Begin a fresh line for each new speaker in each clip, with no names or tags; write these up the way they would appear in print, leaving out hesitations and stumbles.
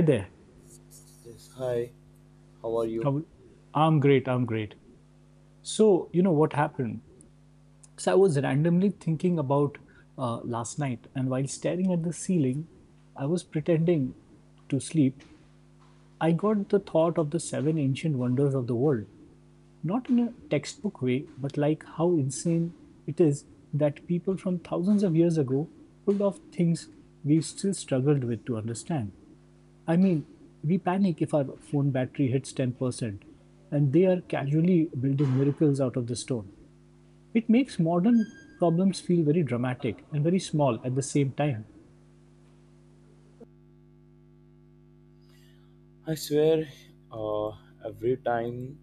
Hi there.
Yes, hi, how are you?
I'm great. I'm great. So, you know what happened? So, I was randomly thinking about last night, and while staring at the ceiling, I was pretending to sleep. I got the thought of the seven ancient wonders of the world, not in a textbook way, but like how insane it is that people from thousands of years ago pulled off things we still struggled with to understand. I mean, we panic if our phone battery hits 10%, and they are casually building miracles out of the stone. It makes modern problems feel very dramatic and very small at the same time.
I swear, uh, every time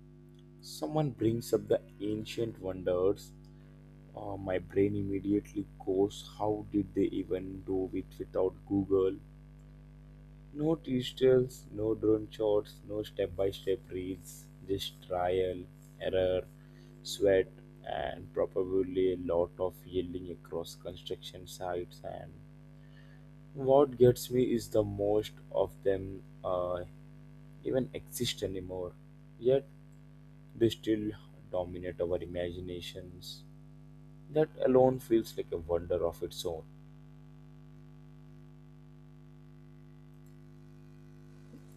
someone brings up the ancient wonders, my brain immediately goes, how did they even do it without Google? No tutorials, no drone shots, no step-by-step reads, just trial, error, sweat, and probably a lot of yelling across construction sites. And what gets me is the most of them even exist anymore. Yet they still dominate our imaginations. That alone feels like a wonder of its own.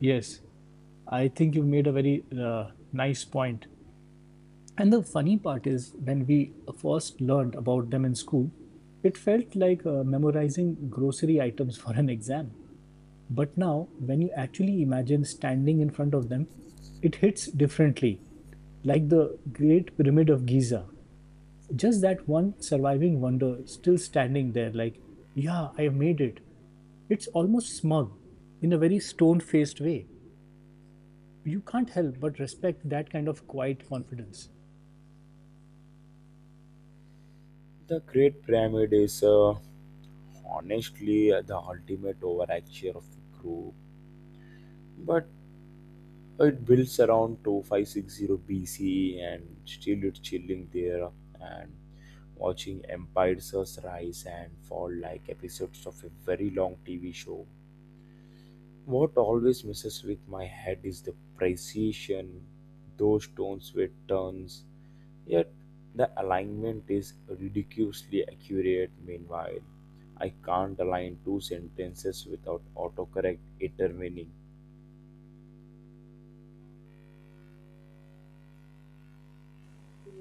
Yes, I think you've made a very nice point. And the funny part is, when we first learned about them in school, it felt like memorizing grocery items for an exam. But now, when you actually imagine standing in front of them, it hits differently, like the Great Pyramid of Giza. Just that one surviving wonder still standing there, like, yeah, I have made it. It's almost smug in a very stone faced way. You can't help but respect that kind of quiet confidence.
The Great Pyramid is honestly the ultimate overachiever of the group, but it builds around 2560 BCE and still it's chilling there and watching empires rise and fall like episodes of a very long TV show. What always messes with my head is the precision. Those stones were turns, yet the alignment is ridiculously accurate. Meanwhile, I can't align two sentences without autocorrect intervening.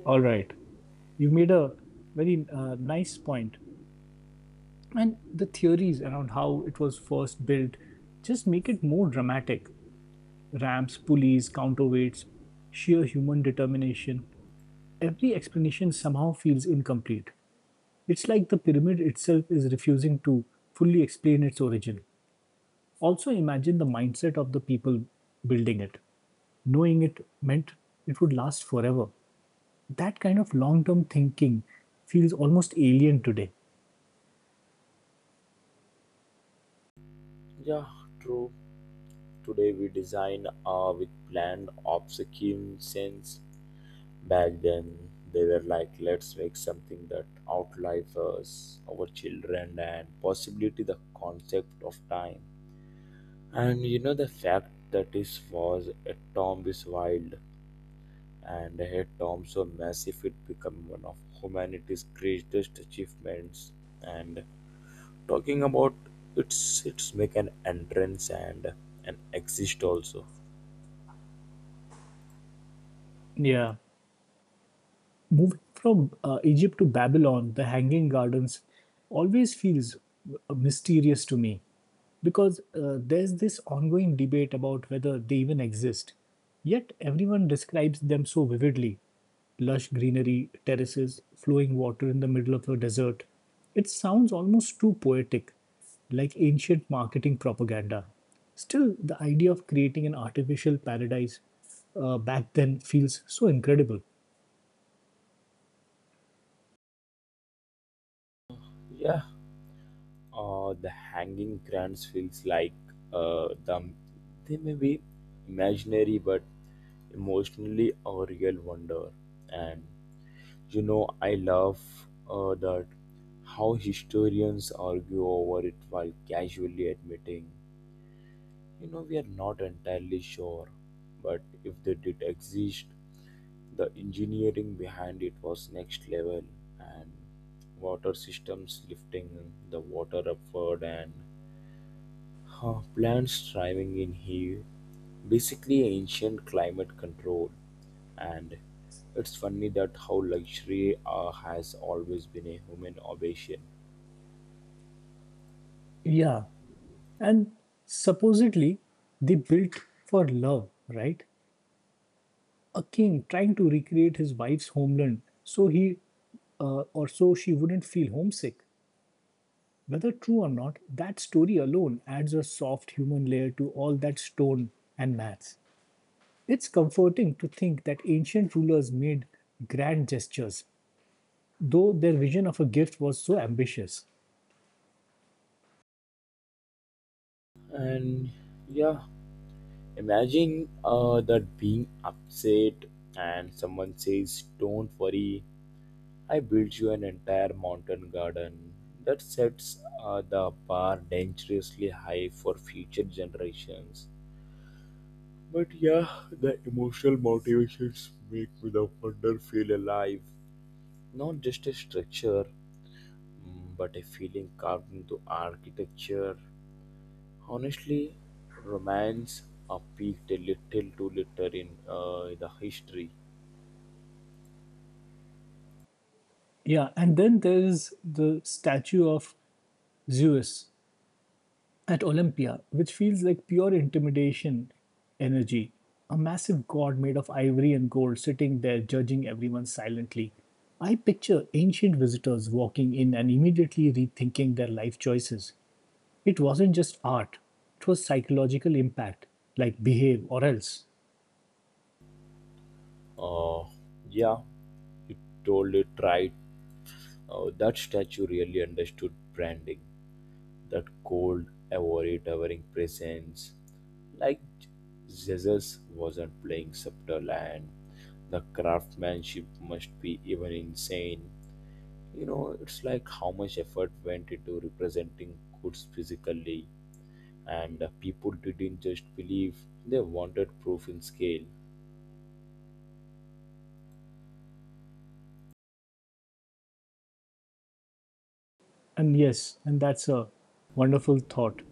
All right. You made a very nice point. And the theories around how it was first built just make it more dramatic. Ramps, pulleys, counterweights, sheer human determination. Every explanation somehow feels incomplete. It's like the pyramid itself is refusing to fully explain its origin. Also, imagine the mindset of the people building it, knowing it meant it would last forever. That kind of long term thinking feels almost alien today.
Yeah, true. Today we design with planned obsolescence. Back then, they were like, let's make something that outlives us, our children, and possibly the concept of time. And you know the fact that this was a tomb is wild, and a tomb so massive it became one of humanity's greatest achievements. And talking about its make an entrance and an exist also.
Yeah. Moving from Egypt to Babylon, the Hanging Gardens always feels mysterious to me because there's this ongoing debate about whether they even exist. Yet everyone describes them so vividly: lush greenery, terraces, flowing water in the middle of a desert. It sounds almost too poetic, like ancient marketing propaganda. Still, the idea of creating an artificial paradise back then feels so incredible.
Yeah, the hanging grants feels like uh, the they may be imaginary but emotionally a real wonder. And you know, I love that how historians argue over it while casually admitting, you know, we are not entirely sure, but if they did exist, the engineering behind it was next level, and water systems lifting the water upward, and plants thriving in here, basically ancient climate control. And it's funny that how luxury has always been a human obsession.
Yeah. And supposedly, they built for love, right? A king trying to recreate his wife's homeland so he or so she wouldn't feel homesick. Whether true or not, that story alone adds a soft human layer to all that stone and maths. It's comforting to think that ancient rulers made grand gestures, though their vision of a gift was so ambitious.
And yeah, imagine that being upset and someone says, don't worry, I built you an entire mountain garden. That sets the bar dangerously high for future generations. But yeah, the emotional motivations make me the wonder feel alive. Not just a structure, but a feeling carved into architecture. Honestly, romance peaked a little too little in the history.
Yeah, and then there is the statue of Zeus at Olympia, which feels like pure intimidation energy. A massive god made of ivory and gold sitting there judging everyone silently. I picture ancient visitors walking in and immediately rethinking their life choices. It wasn't just art, it was psychological impact, like behave or else.
Uh, yeah, you told it right. That statue really understood branding. That cold, ivory towering presence, like Jesus wasn't playing subtle, and the craftsmanship must be even insane. You know, it's like how much effort went into representing goods physically, and people didn't just believe, they wanted proof in scale.
And yes, and that's a wonderful thought.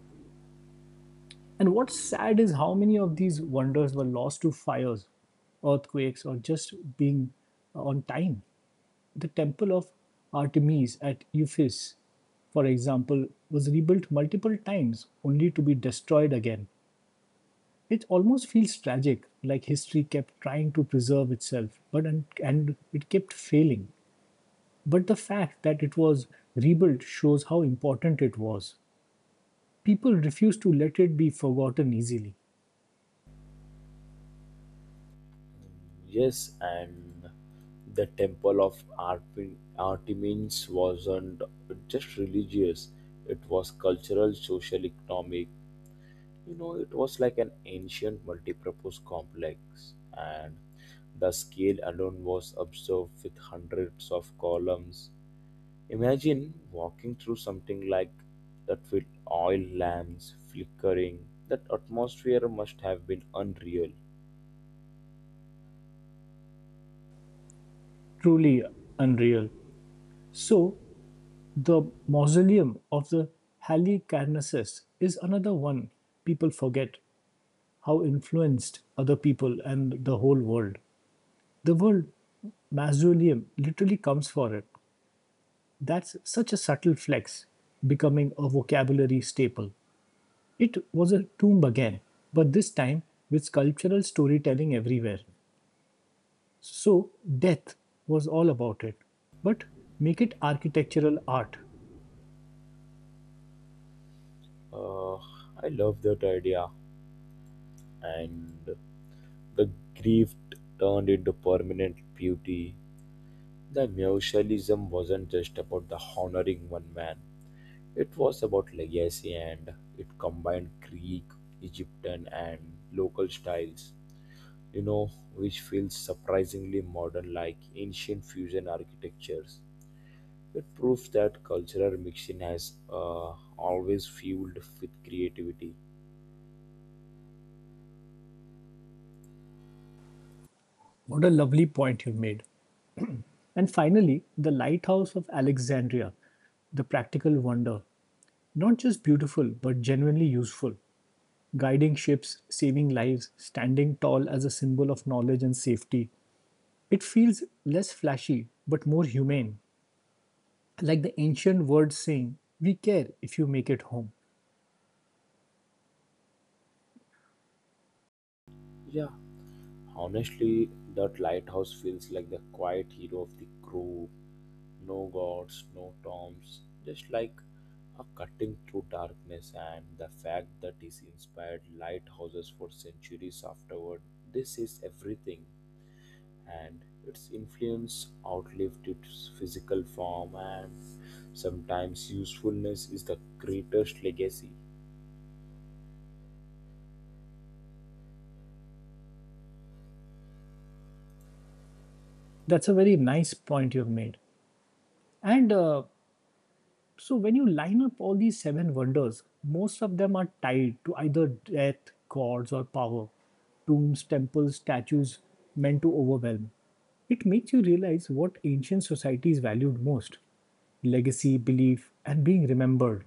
And what's sad is how many of these wonders were lost to fires, earthquakes, or just being on time. The temple of Artemis at Ephesus, for example, was rebuilt multiple times only to be destroyed again. It almost feels tragic, like history kept trying to preserve itself, but and it kept failing. But the fact that it was rebuilt shows how important it was. People refused to let it be forgotten easily.
Yes, and the temple of Artemis wasn't just religious, it was cultural, social, economic. You know, it was like an ancient multipurpose complex, and the scale alone was observed with hundreds of columns. Imagine walking through something like that with oil lamps flickering. That atmosphere must have been unreal.
Truly unreal. So, the mausoleum of the Halicarnassus is another one people forget how influenced other people and the whole world. The word Masdulium literally comes for it. That's such a subtle flex, becoming a vocabulary staple. It was a tomb again, but this time with sculptural storytelling everywhere. So, death was all about it. But make it architectural art.
Uh, I love that idea, and the grief turned into permanent beauty. The Mutualism wasn't just about the honoring one man, it was about legacy, and it combined Greek, Egyptian, and local styles, you know, which feels surprisingly modern, like ancient fusion architectures. It proves that cultural mixing has always fueled with creativity.
What a lovely point you made. And finally, the Lighthouse of Alexandria, the practical wonder. Not just beautiful, but genuinely useful, guiding ships, saving lives, standing tall as a symbol of knowledge and safety. It feels less flashy but more humane. Like the ancient words saying, "We care if you make it home."
Yeah, honestly, that lighthouse feels like the quiet hero of the crew. No gods, no tombs, just like a cutting through darkness, and the fact that it inspired lighthouses for centuries afterward. This is everything, and its influence outlived its physical form, and sometimes usefulness is the greatest legacy.
That's a very nice point you've made. And so, when you line up all these seven wonders, most of them are tied to either death, gods, or power: tombs, temples, statues meant to overwhelm. It makes you realize what ancient societies valued most: legacy, belief, and being remembered,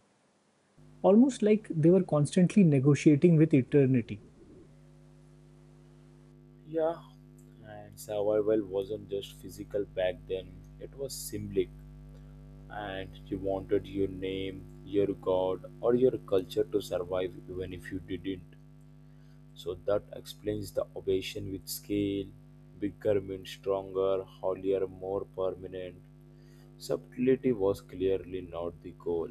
almost like they were constantly negotiating with eternity.
Yeah, and survival wasn't just physical back then, it was symbolic, and you wanted your name, your god, or your culture to survive even if you didn't. So that explains the obsession with scale. Bigger means stronger, holier, more permanent. Subtlety was clearly not the goal.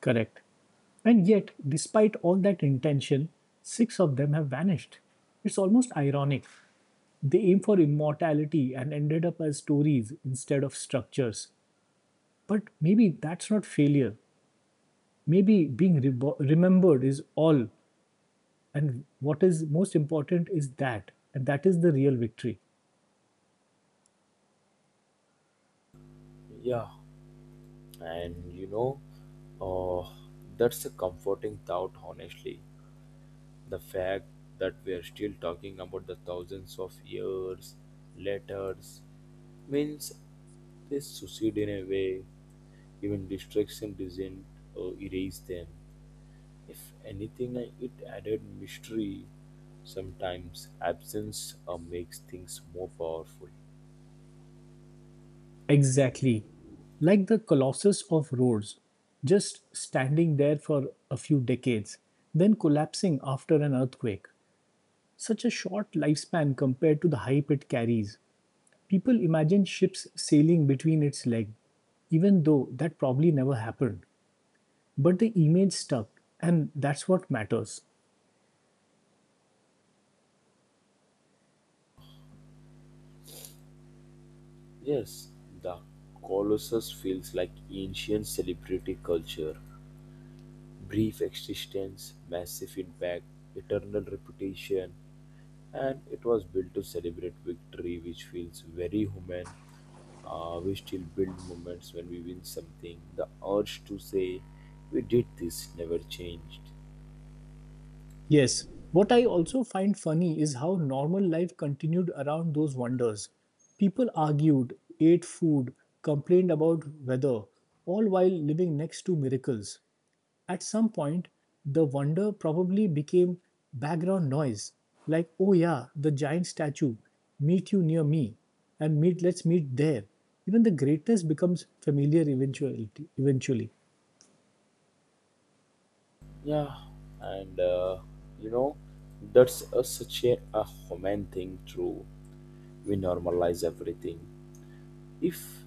Correct. And yet, despite all that intention, six of them have vanished. It's almost ironic. They aim for immortality and ended up as stories instead of structures. But maybe that's not failure. Maybe being remembered is all. And what is most important is that. And that is the real victory.
Yeah, and you know, uh, that's a comforting thought, honestly. The fact that we are still talking about the thousands of years, letters, means they succeed in a way. Even distraction didn't erase them. If anything, it added mystery. Sometimes absence makes things more powerful.
Exactly. Like the Colossus of Rhodes, just standing there for a few decades, then collapsing after an earthquake. Such a short lifespan compared to the hype it carries. People imagine ships sailing between its legs, even though that probably never happened. But the image stuck, and that's what matters.
Yes, the Colossus feels like ancient celebrity culture. Brief existence, massive impact, eternal reputation, and it was built to celebrate victory, which feels very human. We still build moments when we win something. The urge to say, we did this, never changed.
Yes. What I also find funny is how normal life continued around those wonders. People argued, ate food, complained about weather, all while living next to miracles. At some point, the wonder probably became background noise, like, oh yeah, the giant statue, meet you near me, and meet let's meet there. Even the greatness becomes familiar eventuality eventually.
Yeah, and you know, that's a human thing, true. We normalize everything. If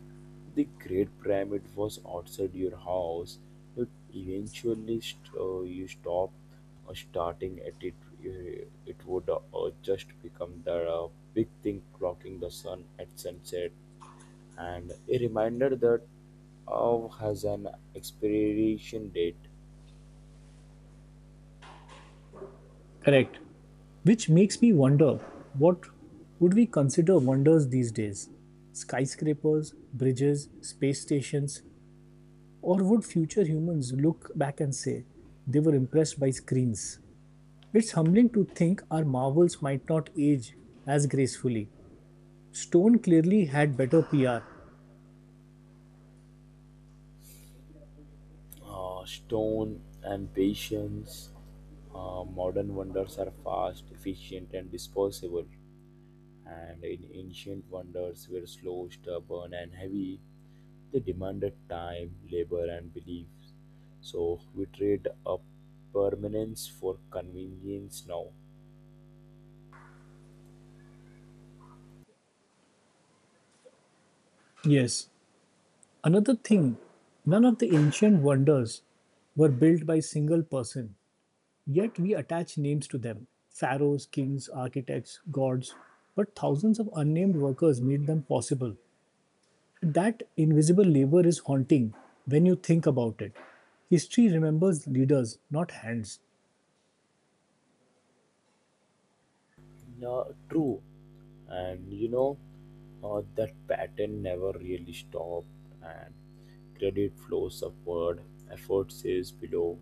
the Great Pyramid was outside your house, you'd eventually you stop starting at it. It would just become the big thing clocking the sun at sunset and a reminder that Av has an expiration date.
Correct. Which makes me wonder what would we consider wonders these days? Skyscrapers, bridges, space stations, or would future humans look back and say they were impressed by screens? It's humbling to think our marvels might not age as gracefully. Stone clearly had better PR.
Stone and patience, modern wonders are fast, efficient, and disposable. And in ancient wonders were slow, stubborn, and heavy. They demanded time, labor, and beliefs. So we trade up permanence for convenience now.
Yes. Another thing, none of the ancient wonders were built by single person. Yet we attach names to them: pharaohs, kings, architects, gods. But thousands of unnamed workers made them possible. That invisible labor is haunting when you think about it. History remembers leaders, not hands.
No, true. And you know, that pattern never really stopped, and credit flows upward, effort is below,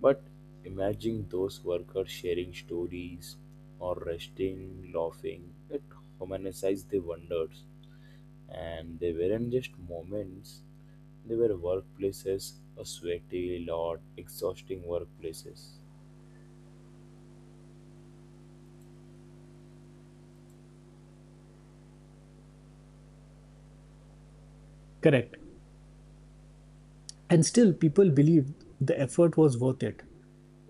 but imagine those workers sharing stories or resting laughing it, humanized the wonders, and they weren't just moments, they were workplaces, a sweaty lot exhausting workplaces.
Correct. And still, people believed the effort was worth it.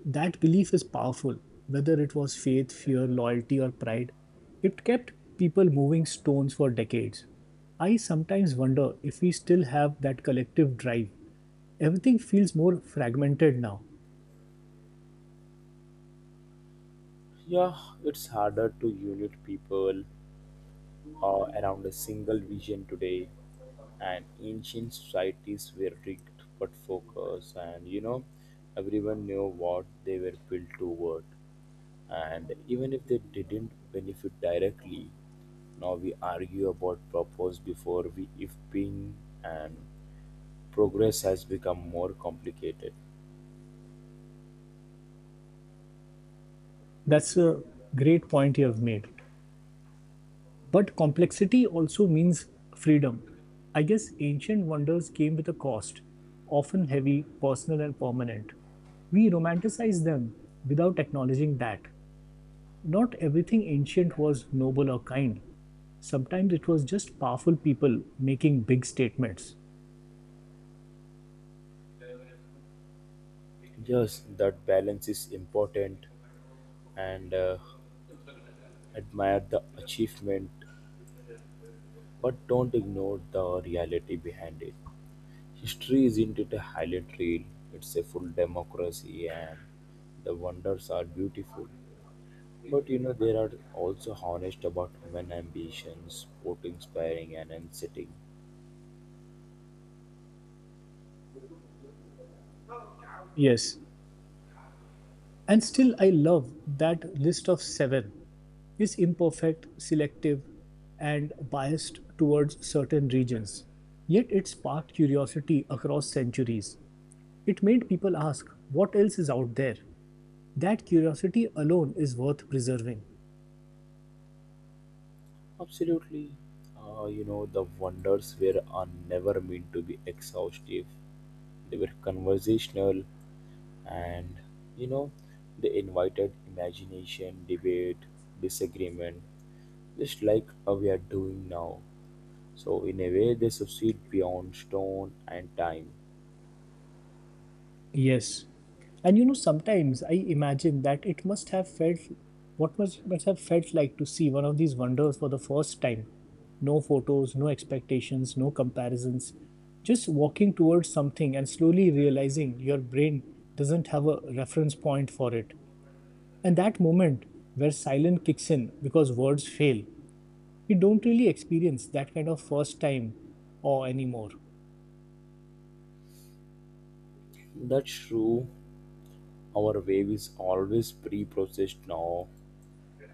That belief is powerful, whether it was faith, fear, loyalty, or pride. It kept people moving stones for decades. I sometimes wonder if we still have that collective drive. Everything feels more fragmented now.
Yeah, it's harder to unite people around a single vision today, and ancient societies were rigged but focused, and you know, everyone knew what they were built toward, and even if they didn't benefit directly, now we argue about purpose before we if being, and progress has become more complicated.
That's a great point you have made. But complexity also means freedom. I guess ancient wonders came with a cost, often heavy, personal, and permanent. We romanticize them without acknowledging that. Not everything ancient was noble or kind. Sometimes it was just powerful people making big statements.
Yes, that balance is important, and admire the achievement but don't ignore the reality behind it. History isn't it a highlight reel? It's a full democracy, and the wonders are beautiful. But you know, there are also honest about human ambitions, sport inspiring and unsettling.
Yes. And still, I love that list of seven is imperfect, selective, and biased towards certain regions. Yet it sparked curiosity across centuries. It made people ask, what else is out there? That curiosity alone is worth preserving.
Absolutely. You know, the wonders were are never meant to be exhaustive. They were conversational, and, you know, they invited imagination, debate, disagreement, just like we are doing now. So, in a way, they succeed beyond stone and time.
Yes. And you know, sometimes I imagine that it must have felt must have felt like to see one of these wonders for the first time. No photos, no expectations, no comparisons. Just walking towards something and slowly realizing your brain doesn't have a reference point for it. And that moment where silence kicks in because words fail, we don't really experience that kind of first time or anymore.
That's true. Our wave is always pre processed now,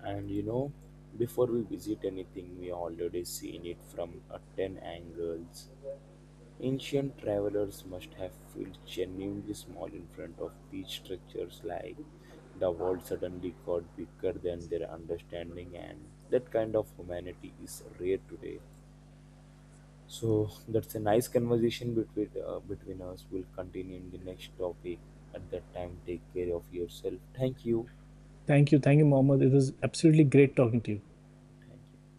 and you know, before we visit anything, we already seen it from a 10 angles. Ancient travelers must have felt genuinely small in front of these structures, like the world suddenly got bigger than their understanding, and that kind of humanity is rare today. So that's a nice conversation between us. We'll continue in the next topic. At that time, take care of yourself. Thank you.
Thank you. Thank you, Mohammed. It was absolutely great talking to you.
Thank you.